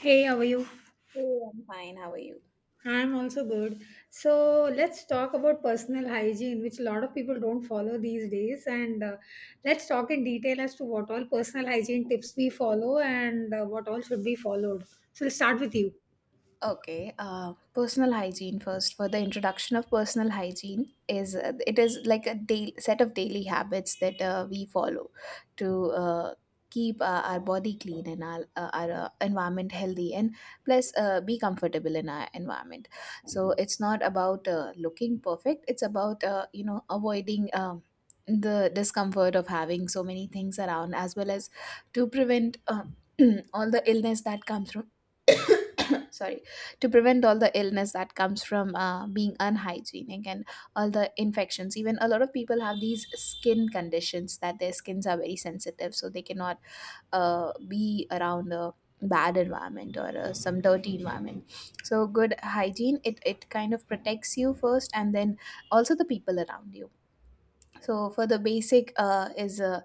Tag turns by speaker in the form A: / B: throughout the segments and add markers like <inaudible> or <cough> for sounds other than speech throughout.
A: Hey, how are you?
B: Hey, I'm fine. How are you?
A: I'm also good. So let's talk about personal hygiene, which a lot of people don't follow these days. And Let's talk in detail as to what all personal hygiene tips we follow and what all should be followed. So we'll start with you.
B: Okay. Personal hygiene first. For the introduction of personal hygiene is it is like a daily set of daily habits that we follow to keep our body clean and our environment healthy and plus be comfortable in our environment. So it's not about looking perfect. It's about avoiding. The discomfort of having so many things around, as well as to prevent <clears throat> all the illness that comes from <coughs> sorry, to prevent all the illness that comes from being unhygienic, and all the infections. Even a lot of people have these skin conditions, that their skins are very sensitive, so they cannot be around a bad environment or some dirty environment. So good hygiene it kind of protects you first, and then also the people around you. So for the basic is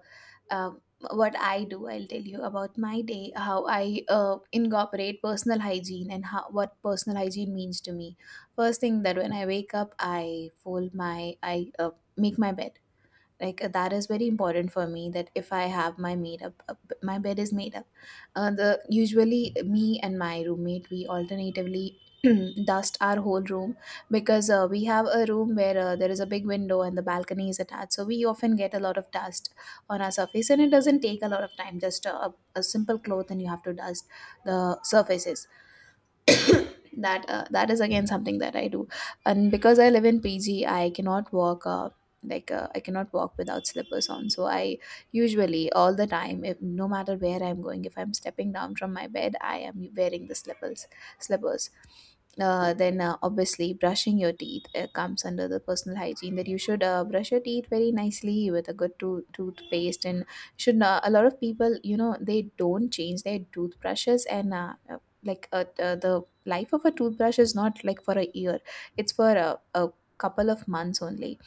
B: um, what I do, I'll tell you about my day, how I incorporate personal hygiene and how what personal hygiene means to me. First thing, that when I wake up, I fold I make my bed. Like, that is very important for me, that if I have my made up my bed is made up. The usually me and my roommate, we alternatively <clears throat> dust our whole room, because we have a room where there is a big window and the balcony is attached, so we often get a lot of dust on our surface, and it doesn't take a lot of time, just a simple cloth and you have to dust the surfaces. That is again something that I do. And because I live in PG, I cannot walk I cannot walk without slippers on. So I usually all the time, if no matter where I'm going, if I'm stepping down from my bed, I am wearing the slippers. Then obviously brushing your teeth comes under the personal hygiene, that you should brush your teeth very nicely with a good tooth toothpaste. And should a lot of people, you know, they don't change their toothbrushes, and the life of a toothbrush is not like for a year. It's for a couple of months only.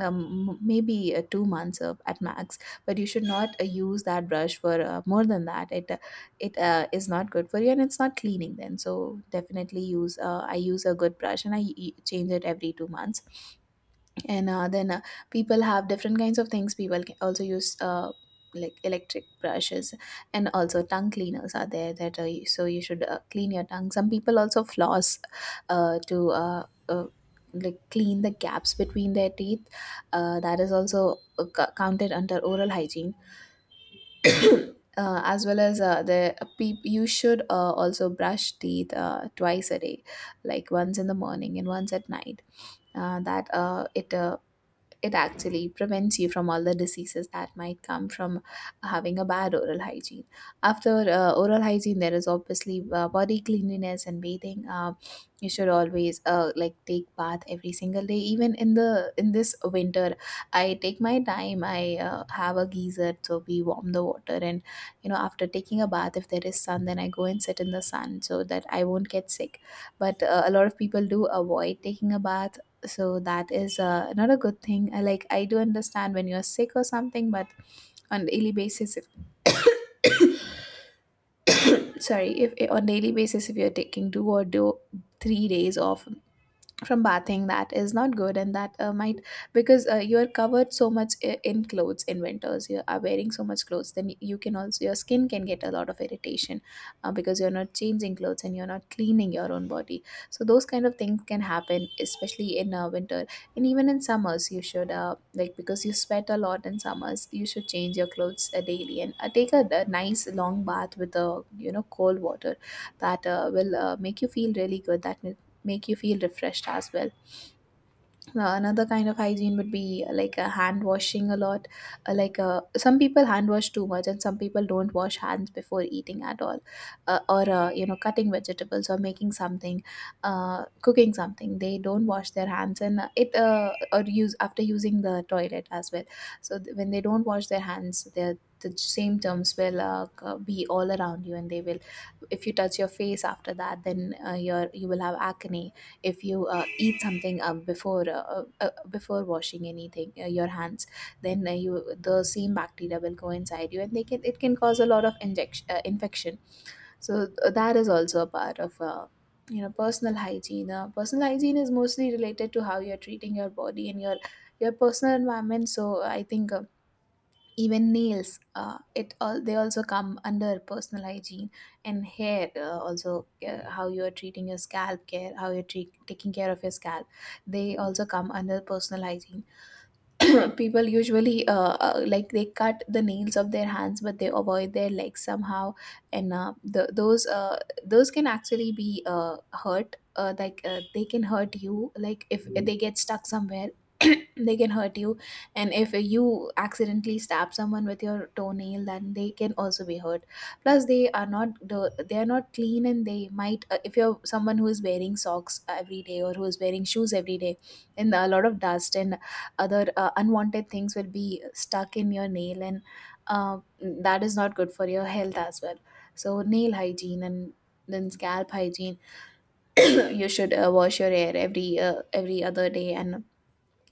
B: Maybe 2 months of, at max. But you should not use that brush for more than that. It is not good for you and it's not cleaning then. So definitely use I use a good brush and I change it every 2 months. And then people have different kinds of things. People can also use like electric brushes, and also tongue cleaners are there, that so you should clean your tongue. Some people also floss, to like clean the gaps between their teeth. That is also counted under oral hygiene. As well as the peop you should also brush teeth twice a day, like once in the morning and once at night. That it It actually prevents you from all the diseases that might come from having a bad oral hygiene. After oral hygiene, there is obviously body cleanliness and bathing. You should always like take bath every single day, even in the in this winter. I take my time. I have a geyser, so we warm the water, and you know, after taking a bath, if there is sun, then I go and sit in the sun so that I won't get sick. But a lot of people do avoid taking a bath. So that is not a good thing. Like, I do understand when you're sick or something, but on daily basis if, <coughs> sorry, if on daily basis, if you're taking two or do 3 days off from bathing, that is not good. And that might, because you are covered so much in clothes, in winters you are wearing so much clothes, then you can also your skin can get a lot of irritation, because you're not changing clothes and you're not cleaning your own body. So those kind of things can happen, especially in winter. And even in summers you should because you sweat a lot in summers, you should change your clothes daily, and take a nice long bath with a, you know, cold water. That will make you feel really good, that make you feel refreshed as well. Another kind of hygiene would be like a hand washing a lot. Like, some people hand wash too much, and some people don't wash hands before eating at all, or you know, cutting vegetables or making something, cooking something. They don't wash their hands, and it or use after using the toilet as well. So when they don't wash their hands, they're the symptoms will be all around you, and they will, if you touch your face after that, then you will have acne. If you eat something before washing anything your hands, then you the same bacteria will go inside you, and they can it can cause a lot of injection infection. So that is also a part of personal hygiene. Personal hygiene is mostly related to how you're treating your body and your personal environment. So I think even nails, it all they also come under personal hygiene, and hair also, how you are treating your scalp care, how you're taking care of your scalp, they also come under personal hygiene. <coughs> <clears throat> People usually they cut the nails of their hands, but they avoid their legs somehow. And the, those can actually be hurt like they can hurt you, like if they get stuck somewhere, <coughs> <clears throat> they can hurt you. And if you accidentally stab someone with your toenail, then they can also be hurt. Plus they are not the- they are not clean, and they might if you're someone who is wearing socks every day or who is wearing shoes every day, and a lot of dust and other unwanted things will be stuck in your nail, and that is not good for your health as well. So nail hygiene, and then scalp hygiene. <coughs> <clears throat> You should wash your hair every other day. And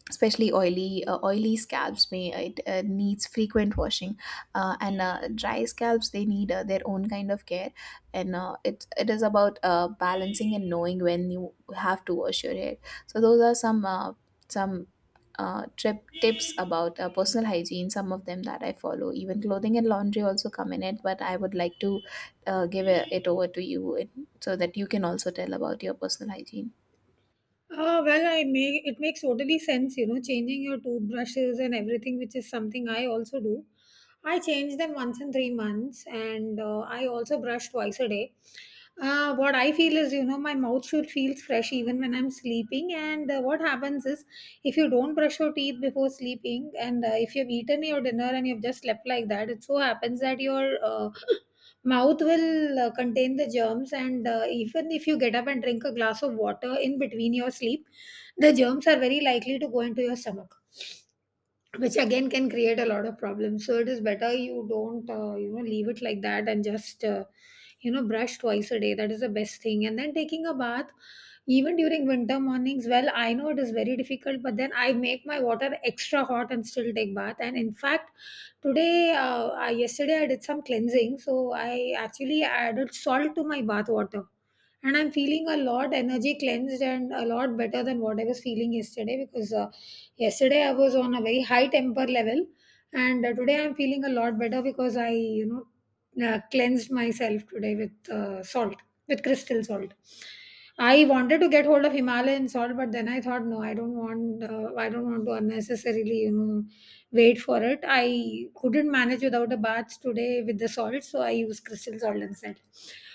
B: especially oily oily scalps may it needs frequent washing, and dry scalps, they need their own kind of care. And it is about balancing and knowing when you have to wash your hair. So those are some trip tips about personal hygiene, some of them that I follow. Even clothing and laundry also come in it, but I would like to give it over to you, so that you can also tell about your personal hygiene.
A: Well, I make it makes totally sense, you know, changing your toothbrushes and everything, which is something I also do. I change them once in 3 months, and I also brush twice a day. What I feel is, you know, my mouth should feel fresh even when I'm sleeping. And what happens is, if you don't brush your teeth before sleeping, and if you've eaten your dinner and you've just slept like that, it so happens that your mouth will contain the germs, and even if you get up and drink a glass of water in between your sleep, the germs are very likely to go into your stomach, which again can create a lot of problems. So it is better you don't, you know, leave it like that and just, you know, brush twice a day. That is the best thing. And then taking a bath even during winter mornings, well, I know it is very difficult, but then I make my water extra hot and still take bath. And in fact, yesterday, I did some cleansing, so I actually added salt to my bath water, and I'm feeling a lot energy cleansed and a lot better than what I was feeling yesterday because yesterday I was on a very high temper level, and today I'm feeling a lot better because I, you know, cleansed myself today with salt, with crystal salt. I wanted to get hold of Himalayan salt, but then I thought, no, I don't want to unnecessarily, you know, wait for it. I couldn't manage without a bath today with the salt, so I use crystal salt instead.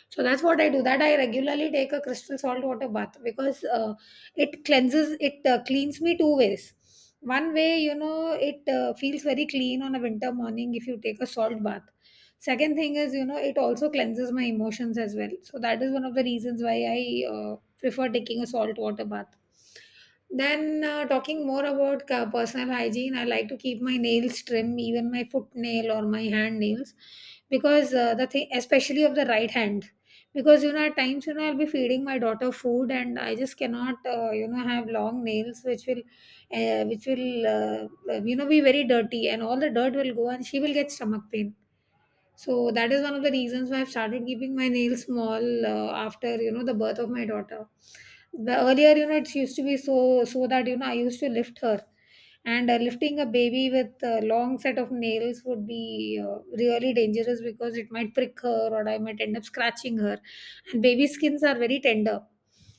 A: So that's what I do. That I regularly take a crystal salt water bath because it cleanses, it cleans me two ways. One way, you know, it feels very clean on a winter morning if you take a salt bath. Second thing is, you know, it also cleanses my emotions as well. So that is one of the reasons why I prefer taking a salt water bath. Then, talking more about personal hygiene, I like to keep my nails trim, even my foot nail or my hand nails, because the thing, especially of the right hand, because you know, at times, you know, I'll be feeding my daughter food, and I just cannot, you know, have long nails, which will you know, be very dirty, and all the dirt will go, and she will get stomach pain. So that is one of the reasons why I've started keeping my nails small after you know the birth of my daughter. The earlier you know it used to be so that you know I used to lift her, and lifting a baby with a long set of nails would be really dangerous because it might prick her or I might end up scratching her, and baby skins are very tender.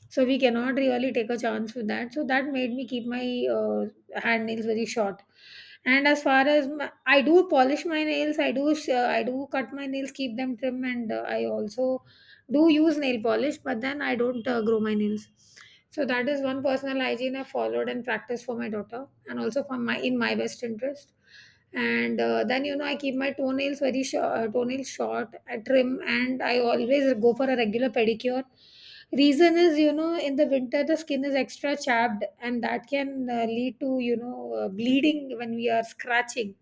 A: So we cannot really take a chance with that. So that made me keep my uh, hand nails very short, and as far as I do polish my nails, I do cut my nails, keep them trim, and I also do use nail polish, but then I don't grow my nails. So that is one personal hygiene I followed and practiced for my daughter, and also for my in my best interest. And then you know I keep my toenails very short, toenails short, I trim, and I always go for a regular pedicure. Reason is you know in the winter the skin is extra chapped, and that can lead to you know bleeding when we are scratching.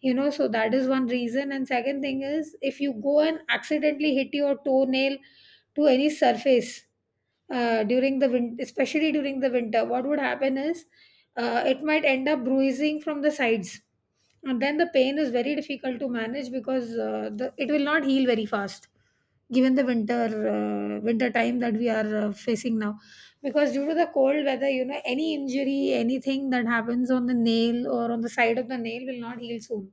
A: You know, so that is one reason. And second thing is if you go and accidentally hit your toenail to any surface during the winter, especially during the winter, what would happen is it might end up bruising from the sides, and then the pain is very difficult to manage because it will not heal very fast given the winter time that we are facing now, because due to the cold weather you know any injury anything that happens on the nail or on the side of the nail will not heal soon.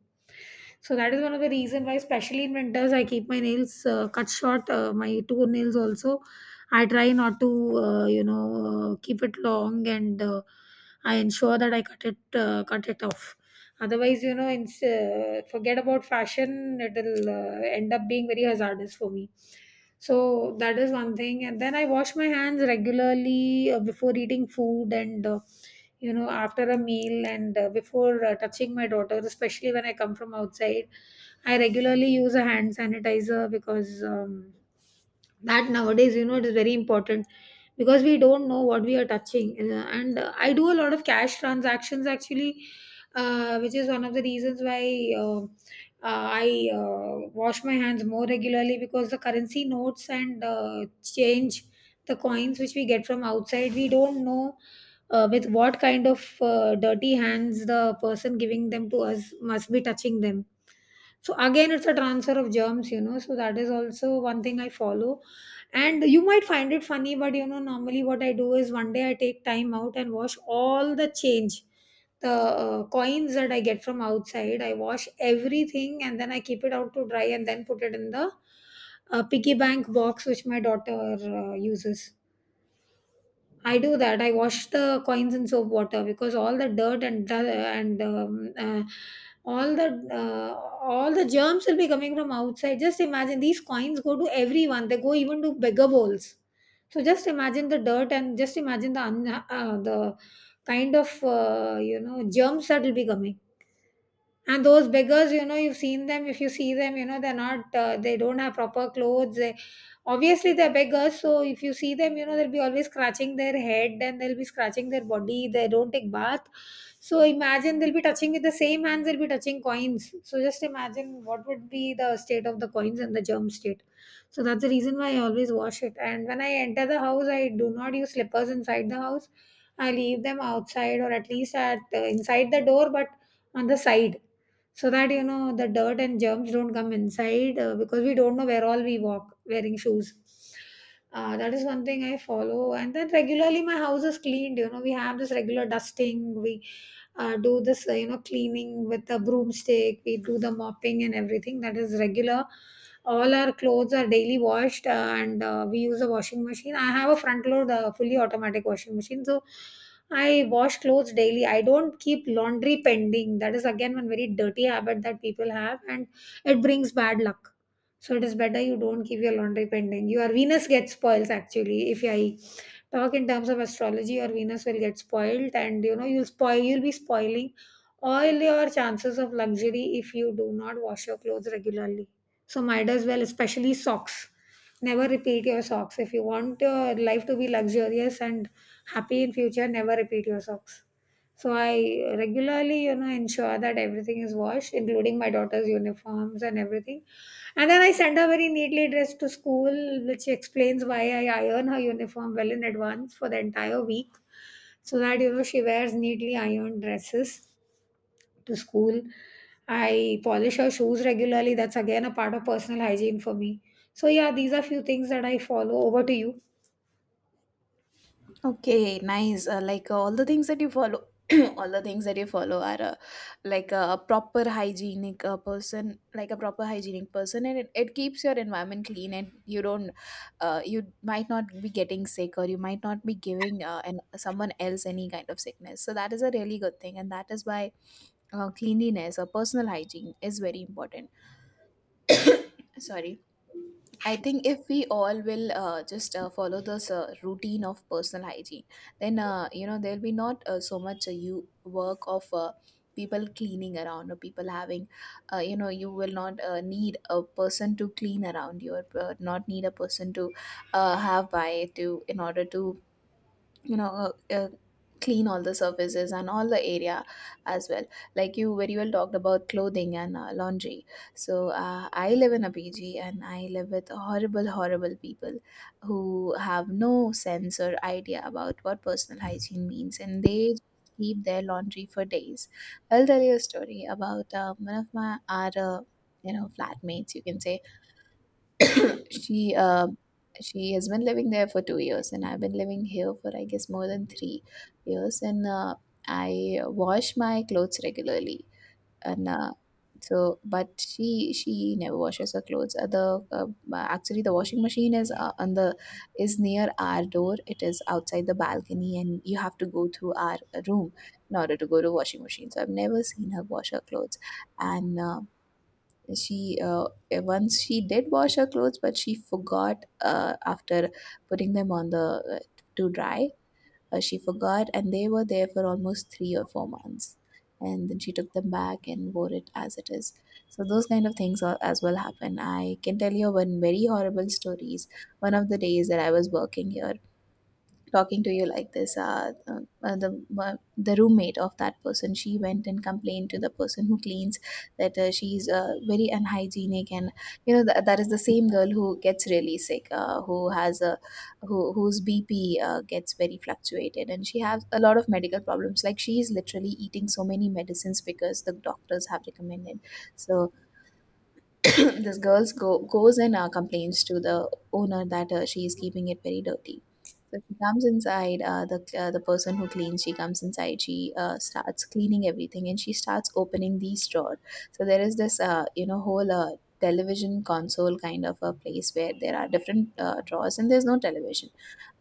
A: So that is one of the reason why especially in winters I keep my nails cut short. My two nails also I try not to you know keep it long, and I ensure that I cut it off. Otherwise, you know, forget about fashion, it'll end up being very hazardous for me. So that is one thing. And then I wash my hands regularly before eating food and, you know, after a meal and before touching my daughter, especially when I come from outside. I regularly use a hand sanitizer because that nowadays, you know, it is very important because we don't know what we are touching. And I do a lot of cash transactions actually, which is one of the reasons why I wash my hands more regularly because the currency notes and change, the coins which we get from outside, we don't know with what kind of dirty hands the person giving them to us must be touching them. So again, it's a transfer of germs, you know. So that is also one thing I follow. And you might find it funny, but you know, normally what I do is one day I take time out and wash all the change, the coins that I get from outside, I wash everything and then I keep it out to dry and then put it in the piggy bank box which my daughter uses. I do that. I wash the coins in soap water because all the dirt and all the uh, all the germs will be coming from outside. Just imagine these coins go to everyone. They go even to beggar bowls. So just imagine the dirt and just imagine the kind of you know germs that will be coming. And those beggars you know you've seen them, if you see them you know they're not they don't have proper clothes, obviously they're beggars, so if you see them you know they'll be always scratching their head and they'll be scratching their body, they don't take bath. So imagine they'll be touching with the same hands, they'll be touching coins, so just imagine what would be the state of the coins and the germ state. So that's the reason why I always wash it. And when I enter the house I do not use slippers inside the house, I leave them outside, or at least at inside the door, but on the side, so that you know the dirt and germs don't come inside, because we don't know where all we walk wearing shoes. That is one thing I follow. And then regularly my house is cleaned, you know we have this regular dusting, we do this, you know, cleaning with a broomstick, we do the mopping and everything, that is regular. All our clothes are daily washed, and we use a washing machine, I have a front load fully automatic washing machine, so I wash clothes daily, I don't keep laundry pending. That is again one very dirty habit that people have and it brings bad luck. So it is better you don't keep your laundry pending, your venus gets spoils, actually, if I talk in terms of astrology your venus will get spoiled and you know you'll spoil you'll be spoiling all your chances of luxury if you do not wash your clothes regularly. So might as well, especially socks, never repeat your socks. If you want your life to be luxurious and happy in future, never repeat your socks. So I regularly you know ensure that everything is washed, including my daughter's uniforms and everything. And then I send her very neatly dressed to school, which explains why I iron her uniform well in advance for the entire week, so that you know she wears neatly ironed dresses to school. I polish her shoes regularly. That's again a part of personal hygiene for me. So yeah, these are few things that I follow. Over to you.
B: Okay, nice. Like, all the things that you follow, <clears throat> all the things that you follow are like a proper hygienic person, like a proper hygienic person, and it keeps your environment clean, and you might not be getting sick, or you might not be giving someone else any kind of sickness. So that is a really good thing, and that is why cleanliness or personal hygiene is very important. Sorry. I think if we all will just follow this routine of personal hygiene, then you know there'll be not so much you work of people cleaning around or people having, you know, you will not need a person to clean around you, or not need a person to have by to in order to, you know, clean all the surfaces and all the area as well. Like you very well talked about clothing and laundry. So I live in a PG and I live with horrible horrible people who have no sense or idea about what personal hygiene means, and they keep their laundry for days. I'll tell you a story about one of my our you know, flatmates, you can say. She uh she has been living there for 2 years, and I've been living here for I guess more than 3 years. And I wash my clothes regularly, and so but she never washes her clothes. The uh, actually the washing machine is on the is near our door. It is outside the balcony, and you have to go through our room in order to go to washing machine. So I've never seen her wash her clothes, and she once she did wash her clothes, but she forgot, after putting them on the to dry. She forgot And they were there for almost 3 or 4 months, and then she took them back and wore it as it is. So those kind of things are, as well, happen. I can tell you one very horrible stories. One of the days that I was working here, talking to you like this, the roommate of that person, she went and complained to the person who cleans that she's very unhygienic. And that is the same girl who gets really sick, who has a whose BP gets very fluctuated, and she has a lot of medical problems. Like, she is literally eating so many medicines because the doctors have recommended. So <coughs> <clears throat> this girl goes and complains to the owner that she is keeping it very dirty. So she comes inside. The person who cleans, she comes inside. She starts cleaning everything, and she starts opening these drawer. So there is this whole television console kind of a place where there are different drawers, and there's no television.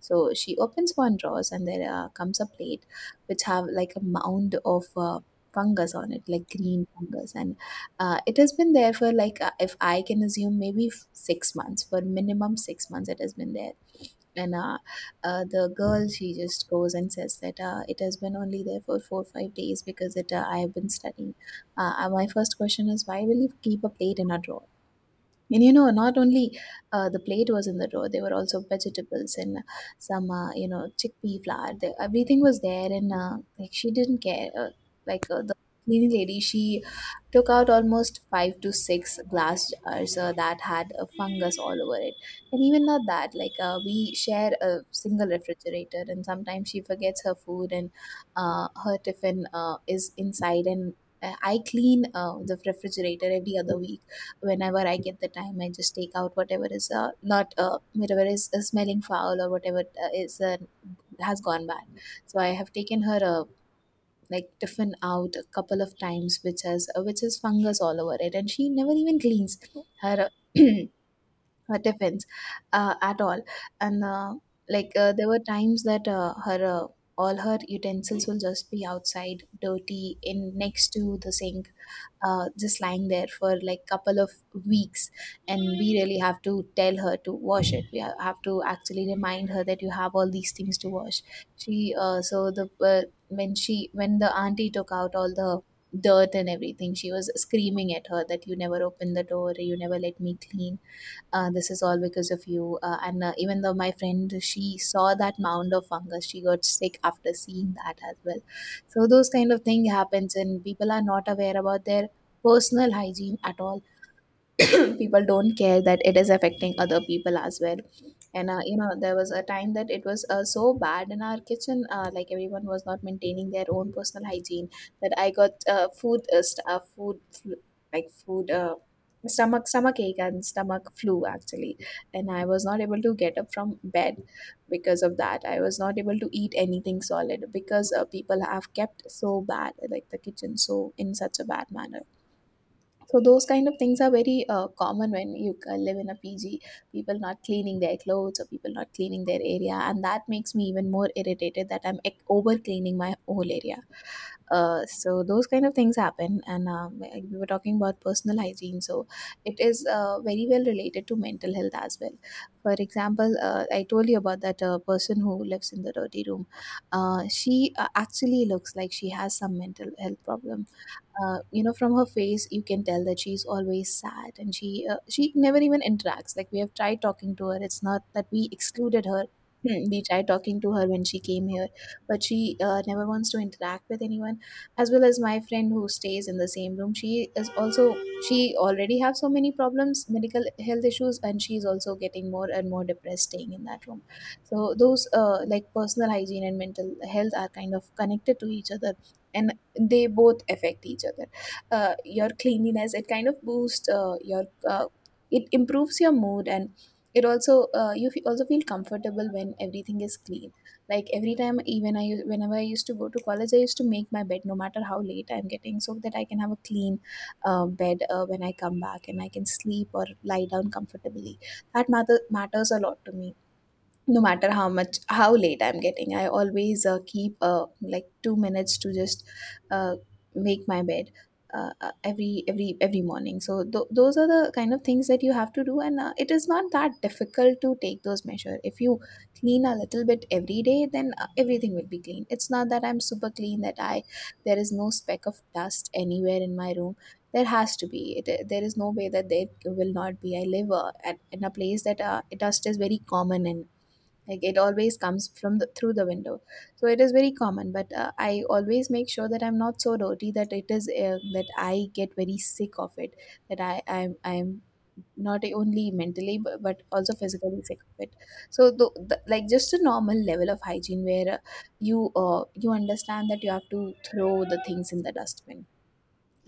B: So she opens one drawers, and there comes a plate which have like a mound of fungus on it, like green fungus. And it has been there for like, if I can assume, maybe 6 months. For minimum 6 months it has been there. And the girl, she just goes and says that it has been only there for 4 or 5 days, because it I have been studying. My first question is, why will you keep a plate in a drawer? And not only the plate was in the drawer, there were also vegetables and some, chickpea flour. Everything was there, and like, she didn't care. The cleaning lady, she took out almost five to six glass jars that had a fungus all over it. And even not that. Like, we share a single refrigerator, and sometimes she forgets her food, and her tiffin is inside. And I clean the refrigerator every other week. Whenever I get the time, I just take out whatever is not whatever is smelling foul, or whatever is has gone bad. So I have taken her, tiffin out a couple of times, which has which is fungus all over it, and she never even cleans her uh, <clears throat> her tiffins at all. And like, there were times that her all her utensils will just be outside, dirty, in next to the sink, just lying there for like, couple of weeks. And we really have to tell her to wash it. We have to actually remind her that you have all these things to wash. She uh, so the uh, when she when the auntie took out all the dirt and everything, she was screaming at her that you never open the door, you never let me clean, this is all because of you. And even though my friend, she saw that mound of fungus, she got sick after seeing that as well. So those kind of thing happens, and people are not aware about their personal hygiene at all. <clears throat> People don't care that it is affecting other people as well. And there was a time that it was so bad in our kitchen, like everyone was not maintaining their own personal hygiene, that I got food flu- like food, stomach ache and stomach flu actually. And I was not able to get up from bed. Because of that, I was not able to eat anything solid, because people have kept so bad, like the kitchen so in such a bad manner. So those kind of things are very common when you live in a PG. People not cleaning their clothes, or people not cleaning their area, and that makes me even more irritated that I'm over cleaning my whole area. So those kind of things happen. And we were talking about personal hygiene, so it is very well related to mental health as well. For example, I told you about that person who lives in the dirty room. She actually looks like she has some mental health problem. From her face you can tell that she's always sad, and she never even interacts. Like, we have tried talking to her. It's not that we excluded her. Hmm, we tried talking to her when she came here, but she never wants to interact with anyone. As well as my friend who stays in the same room, she is also, she already have so many problems, medical health issues, and she's also getting more and more depressed staying in that room. So those like, personal hygiene and mental health are kind of connected to each other, and they both affect each other. Your cleanliness, it kind of boosts your uh, it improves your mood. And it also, also feel comfortable when everything is clean. Like, every time, even whenever I used to go to college, I used to make my bed, no matter how late I'm getting, so that I can have a clean bed when I come back and I can sleep or lie down comfortably. That matters a lot to me. No matter how late I'm getting, I always keep like, 2 minutes to just uh, make my bed, every morning. So those are the kind of things that you have to do. And it is not that difficult to take those measures. If you clean a little bit every day, then everything will be clean. It's not that I'm super clean, that I there is no speck of dust anywhere in my room. There has to be it, there is no way that there will not be. I live in a place that dust is very common, and like, it always comes from the through the window. So it is very common, but I always make sure that I'm not so dirty that it is that I get very sick of it, that I'm not only mentally but also physically sick of it. So like, just a normal level of hygiene where, you understand that you have to throw the things in the dustbin.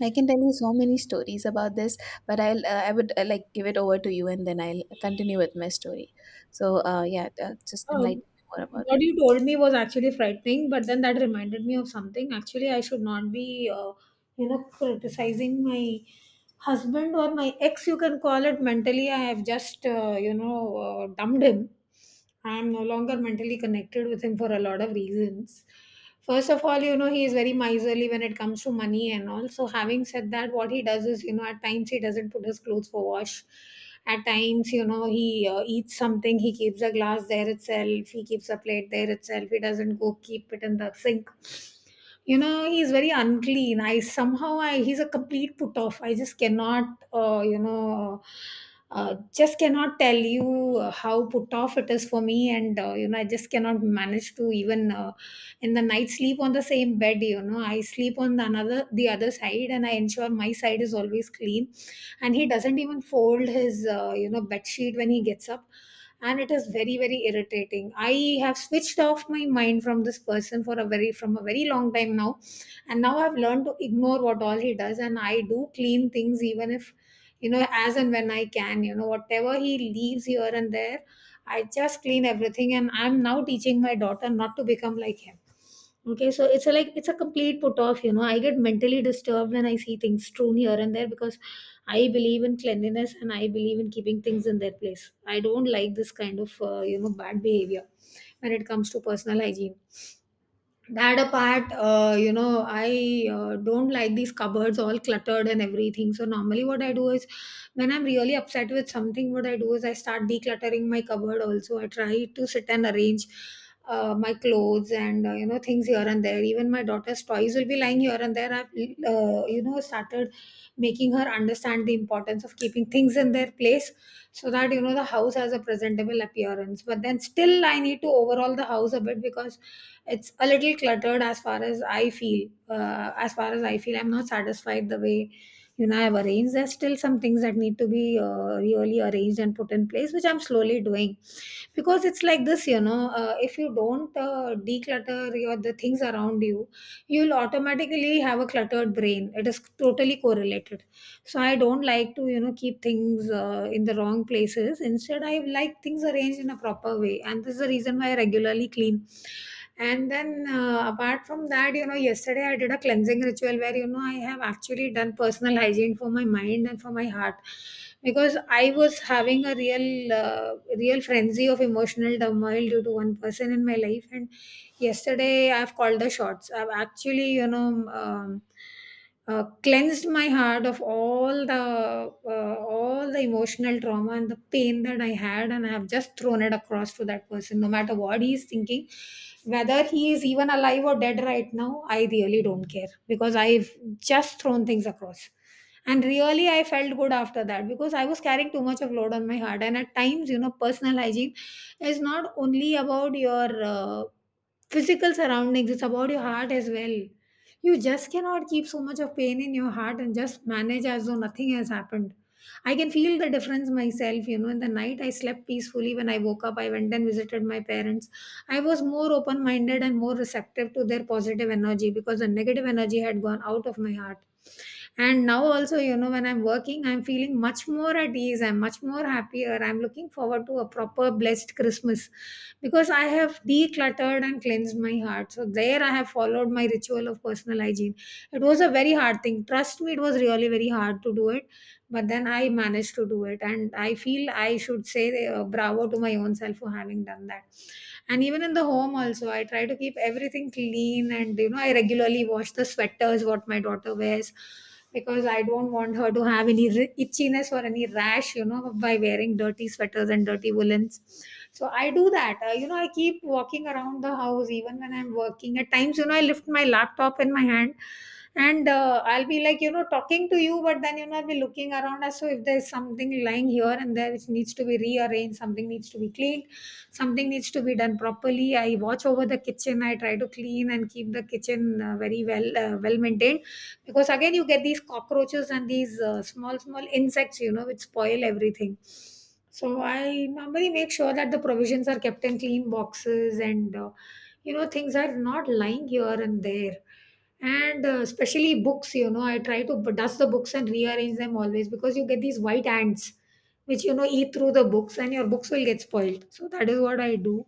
B: I can tell you so many stories about this, but I would, like, give it over to you, and then I'll continue with my story. So yeah, just
A: Um,
B: enlighten me more about
A: what
B: it.
A: you told me was actually frightening, but then that reminded me of something. Actually, I should not be criticizing my husband or my ex, you can call it. Mentally, I have just dumped him. I am no longer mentally connected with him for a lot of reasons. First of all, he is very miserly when it comes to money. And also, having said that, what he does is, at times he doesn't put his clothes for wash. At times, he eats something, he keeps a glass there itself, he keeps a plate there itself, he doesn't go keep it in the sink. He's very unclean. I somehow I He's a complete put off. I just cannot uh, you know tell you how put off it is for me. And I just cannot manage to even, in the night, sleep on the same bed. I sleep on the other side, and I ensure my side is always clean. And he doesn't even fold his bed sheet when he gets up. And it is very very irritating. I have switched off my mind from this person for a very from a very long time now. And now I've learned to ignore what all he does, and I do clean things even if, as and when I can, whatever he leaves here and there, I just clean everything. And I'm now teaching my daughter not to become like him. Okay, so it's a complete put off. I get mentally disturbed when I see things strewn here and there, because I believe in cleanliness and I believe in keeping things in their place. I don't like this kind of bad behavior when it comes to personal hygiene. That apart, I don't like these cupboards all cluttered and everything. So normally what I do is, when I'm really upset with something, what I do is I start decluttering my cupboard. Also, I try to sit and arrange my clothes and, things here and there. Even my daughter's toys will be lying here and there. I've started making her understand the importance of keeping things in their place, so that the house has a presentable appearance. But then still I need to overhaul the house a bit, because it's a little cluttered, as far as I feel. I'm not satisfied the way I've arranged. There's still some things that need to be really arranged and put in place, which I'm slowly doing. Because it's like this, if you don't declutter your the things around you, you'll automatically have a cluttered brain. It is totally correlated. So I don't like to, keep things in the wrong places. Instead, I like things arranged in a proper way, and this is the reason why I regularly clean. And then, apart from that, yesterday I did a cleansing ritual where, I have actually done personal <laughs> hygiene for my mind and for my heart, because I was having a real real frenzy of emotional turmoil due to one person in my life. And yesterday I've called the shots. I've actually, um, cleansed my heart of all the emotional trauma and the pain that I had, and I have just thrown it across to that person. No matter what he is thinking, whether he is even alive or dead right now, I really don't care, because I've just thrown things across. And really, I felt good after that, because I was carrying too much of load on my heart. And at times, personal hygiene is not only about your physical surroundings, it's about your heart as well. You just cannot keep so much of pain in your heart and just manage as though nothing has happened. I can feel the difference myself. In the night I slept peacefully. When I woke up, I went and visited my parents. I was more open minded and more receptive to their positive energy, because the negative energy had gone out of my heart. And now also, when I'm working, I'm feeling much more at ease, I'm much more happier, I'm looking forward to a proper blessed Christmas, because I have decluttered and cleansed my heart. So there, I have followed my ritual of personal hygiene. It was a very hard thing, trust me, it was really very hard to do it. But then I managed to do it, and I feel I should say, bravo to my own self for having done that. And even in the home also, I try to keep everything clean. And I regularly wash the sweaters what my daughter wears, because I don't want her to have any itchiness or any rash, by wearing dirty sweaters and dirty woolens. So I do that. I keep walking around the house even when I'm working. At times, I lift my laptop in my hand, and I'll be like, talking to you, but then, I'll be looking around, as so if there's something lying here and there which needs to be rearranged, something needs to be cleaned, something needs to be done properly. I watch over the kitchen. I try to clean and keep the kitchen very well maintained, because again, you get these cockroaches and these small small insects, which spoil everything. So I normally make sure that the provisions are kept in clean boxes, and things are not lying here and there. And especially books, I try to dust the books and rearrange them always, because you get these white ants which, eat through the books, and your books will get spoiled. So that is what I do.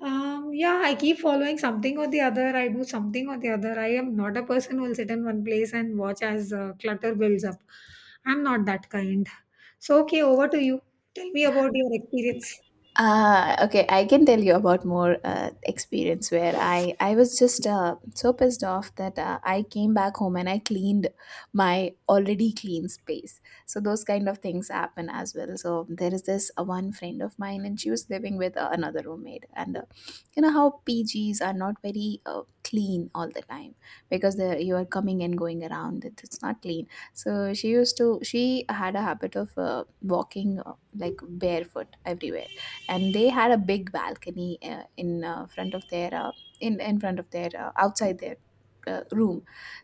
A: Yeah, I keep following something or the other. I do something or the other. I am not a person who will sit in one place and watch as clutter builds up. I'm not that kind. So, okay, over to you. Tell me about your experience.
B: Okay, I can tell you about more experience where I was just so pissed off that I came back home and I cleaned my already clean space. So those kind of things happen as well. So there is this one friend of mine, and she was living with another roommate. And you know how PGs are not very clean all the time, because they you are coming and going around. It's not clean. So she used to she had a habit of walking like barefoot everywhere, and they had a big balcony in front of their outside their room.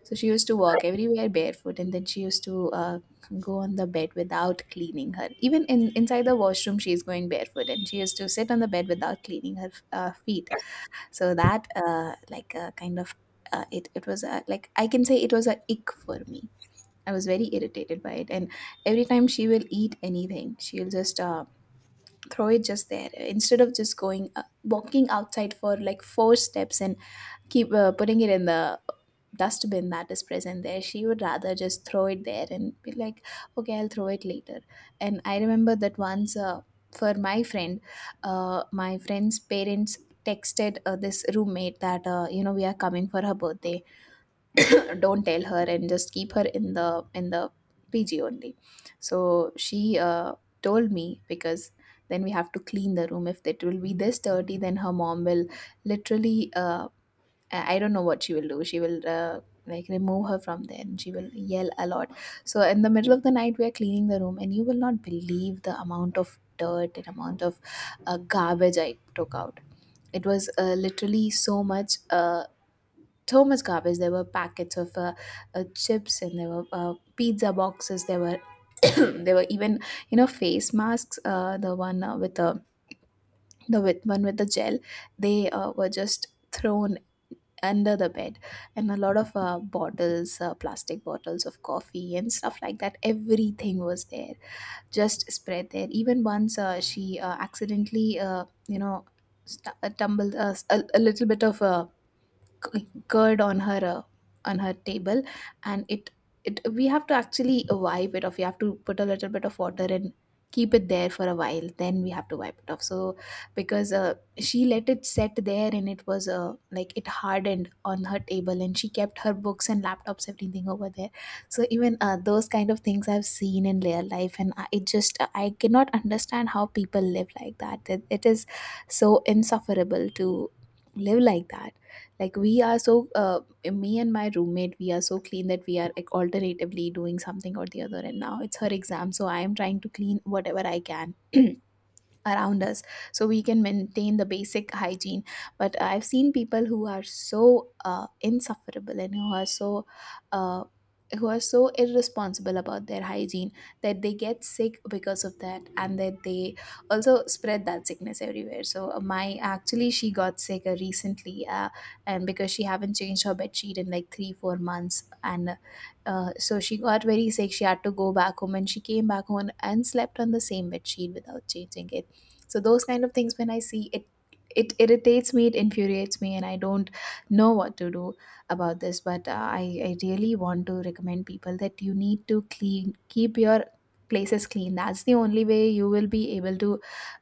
B: So she used to walk everywhere barefoot, and then she used to go on the bed without cleaning her. Even in inside the washroom she is going barefoot, and she used to sit on the bed without cleaning her feet. So that like kind of it it was a, like I can say it was a ick for me. I was very irritated by it, and every time she will eat anything, she'll just throw it just there instead of just going walking outside for like four steps and keep putting it in the dustbin that is present there. She would rather just throw it there and be like, okay, I'll throw it later. And I remember that once, for my friend my friend's parents texted this roommate that, you know, we are coming for her birthday, don't tell her, and just keep her in the in the pg only. So she told me, because then we have to clean the room. If it will be this dirty, then her mom will literally I don't know what she will do. She will remove her from there and she will yell a lot. So in the middle of the night, we are cleaning the room, and you will not believe the amount of dirt and amount of garbage I took out. It was literally so much Thomas garbage. There were packets of chips, and there were pizza boxes. There were <coughs> <clears throat> there were even, you know, face masks. The one with the with one with the gel, they were just thrown under the bed, and a lot of bottles, plastic bottles of coffee and stuff like that. Everything was there, just spread there. Even once she accidentally, you know, tumbled a little bit of. Curd on her table, and it we have to actually wipe it off. You have to put a little bit of water and keep it there for a while, then we have to wipe it off. So because she let it set there, and it was it hardened on her table, and she kept her books and laptops everything over there. So even those kind of things I've seen in real life, and I, it just I cannot understand how people live like that. It is so insufferable to live like that. Like we are so Me and my roommate, we are so clean that we are like alternatively doing something or the other, and now it's her exam, so I am trying to clean whatever I can <clears throat> around us, so we can maintain the basic hygiene. But I've seen people who are so insufferable and uh, who are so irresponsible about their hygiene, that they get sick because of that, and that they also spread that sickness everywhere. So my actually she got sick recently, and because she haven't changed her bed sheet in like 3 4 months, and so she got very sick. She had to go back home, and she came back home and slept on the same bed sheet without changing it. So those kind of things when I see it, it irritates me, it infuriates me, and I don't know what to do about this. But I really want to recommend people that you need to clean, keep your places clean. That's the only way you will be able to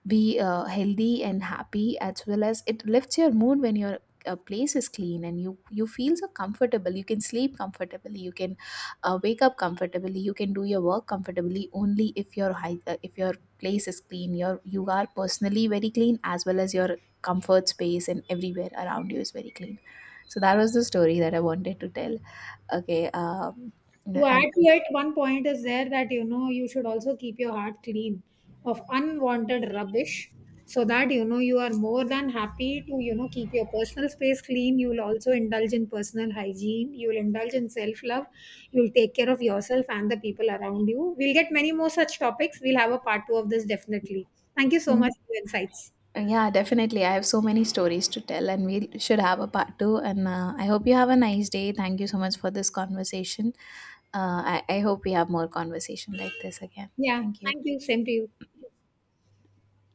B: be healthy and happy, as well as it lifts your mood when your place is clean, and you feel so comfortable. You can sleep comfortably, you can wake up comfortably, you can do your work comfortably, only if your if your place is clean, your you are personally very clean, as well as your comfort space and everywhere around you is very clean. So that was the story that I wanted to tell. Okay.
A: To add
B: I'm,
A: to it, one point is there, that you should also keep your heart clean of unwanted rubbish, so that you are more than happy to, keep your personal space clean. You will also indulge in personal hygiene, you will indulge in self love, you will take care of yourself and the people around you. We'll get many more such topics. We'll have a part 2 of this, definitely. Thank you so much
B: I'm-
A: for your insights.
B: yeah, definitely, I have so many stories to tell, and we should have a part two. And I hope you have a nice day. Thank you so much for this conversation. I hope we have more conversation like this again.
A: Yeah,
B: Thank you.
A: thank you, same to you.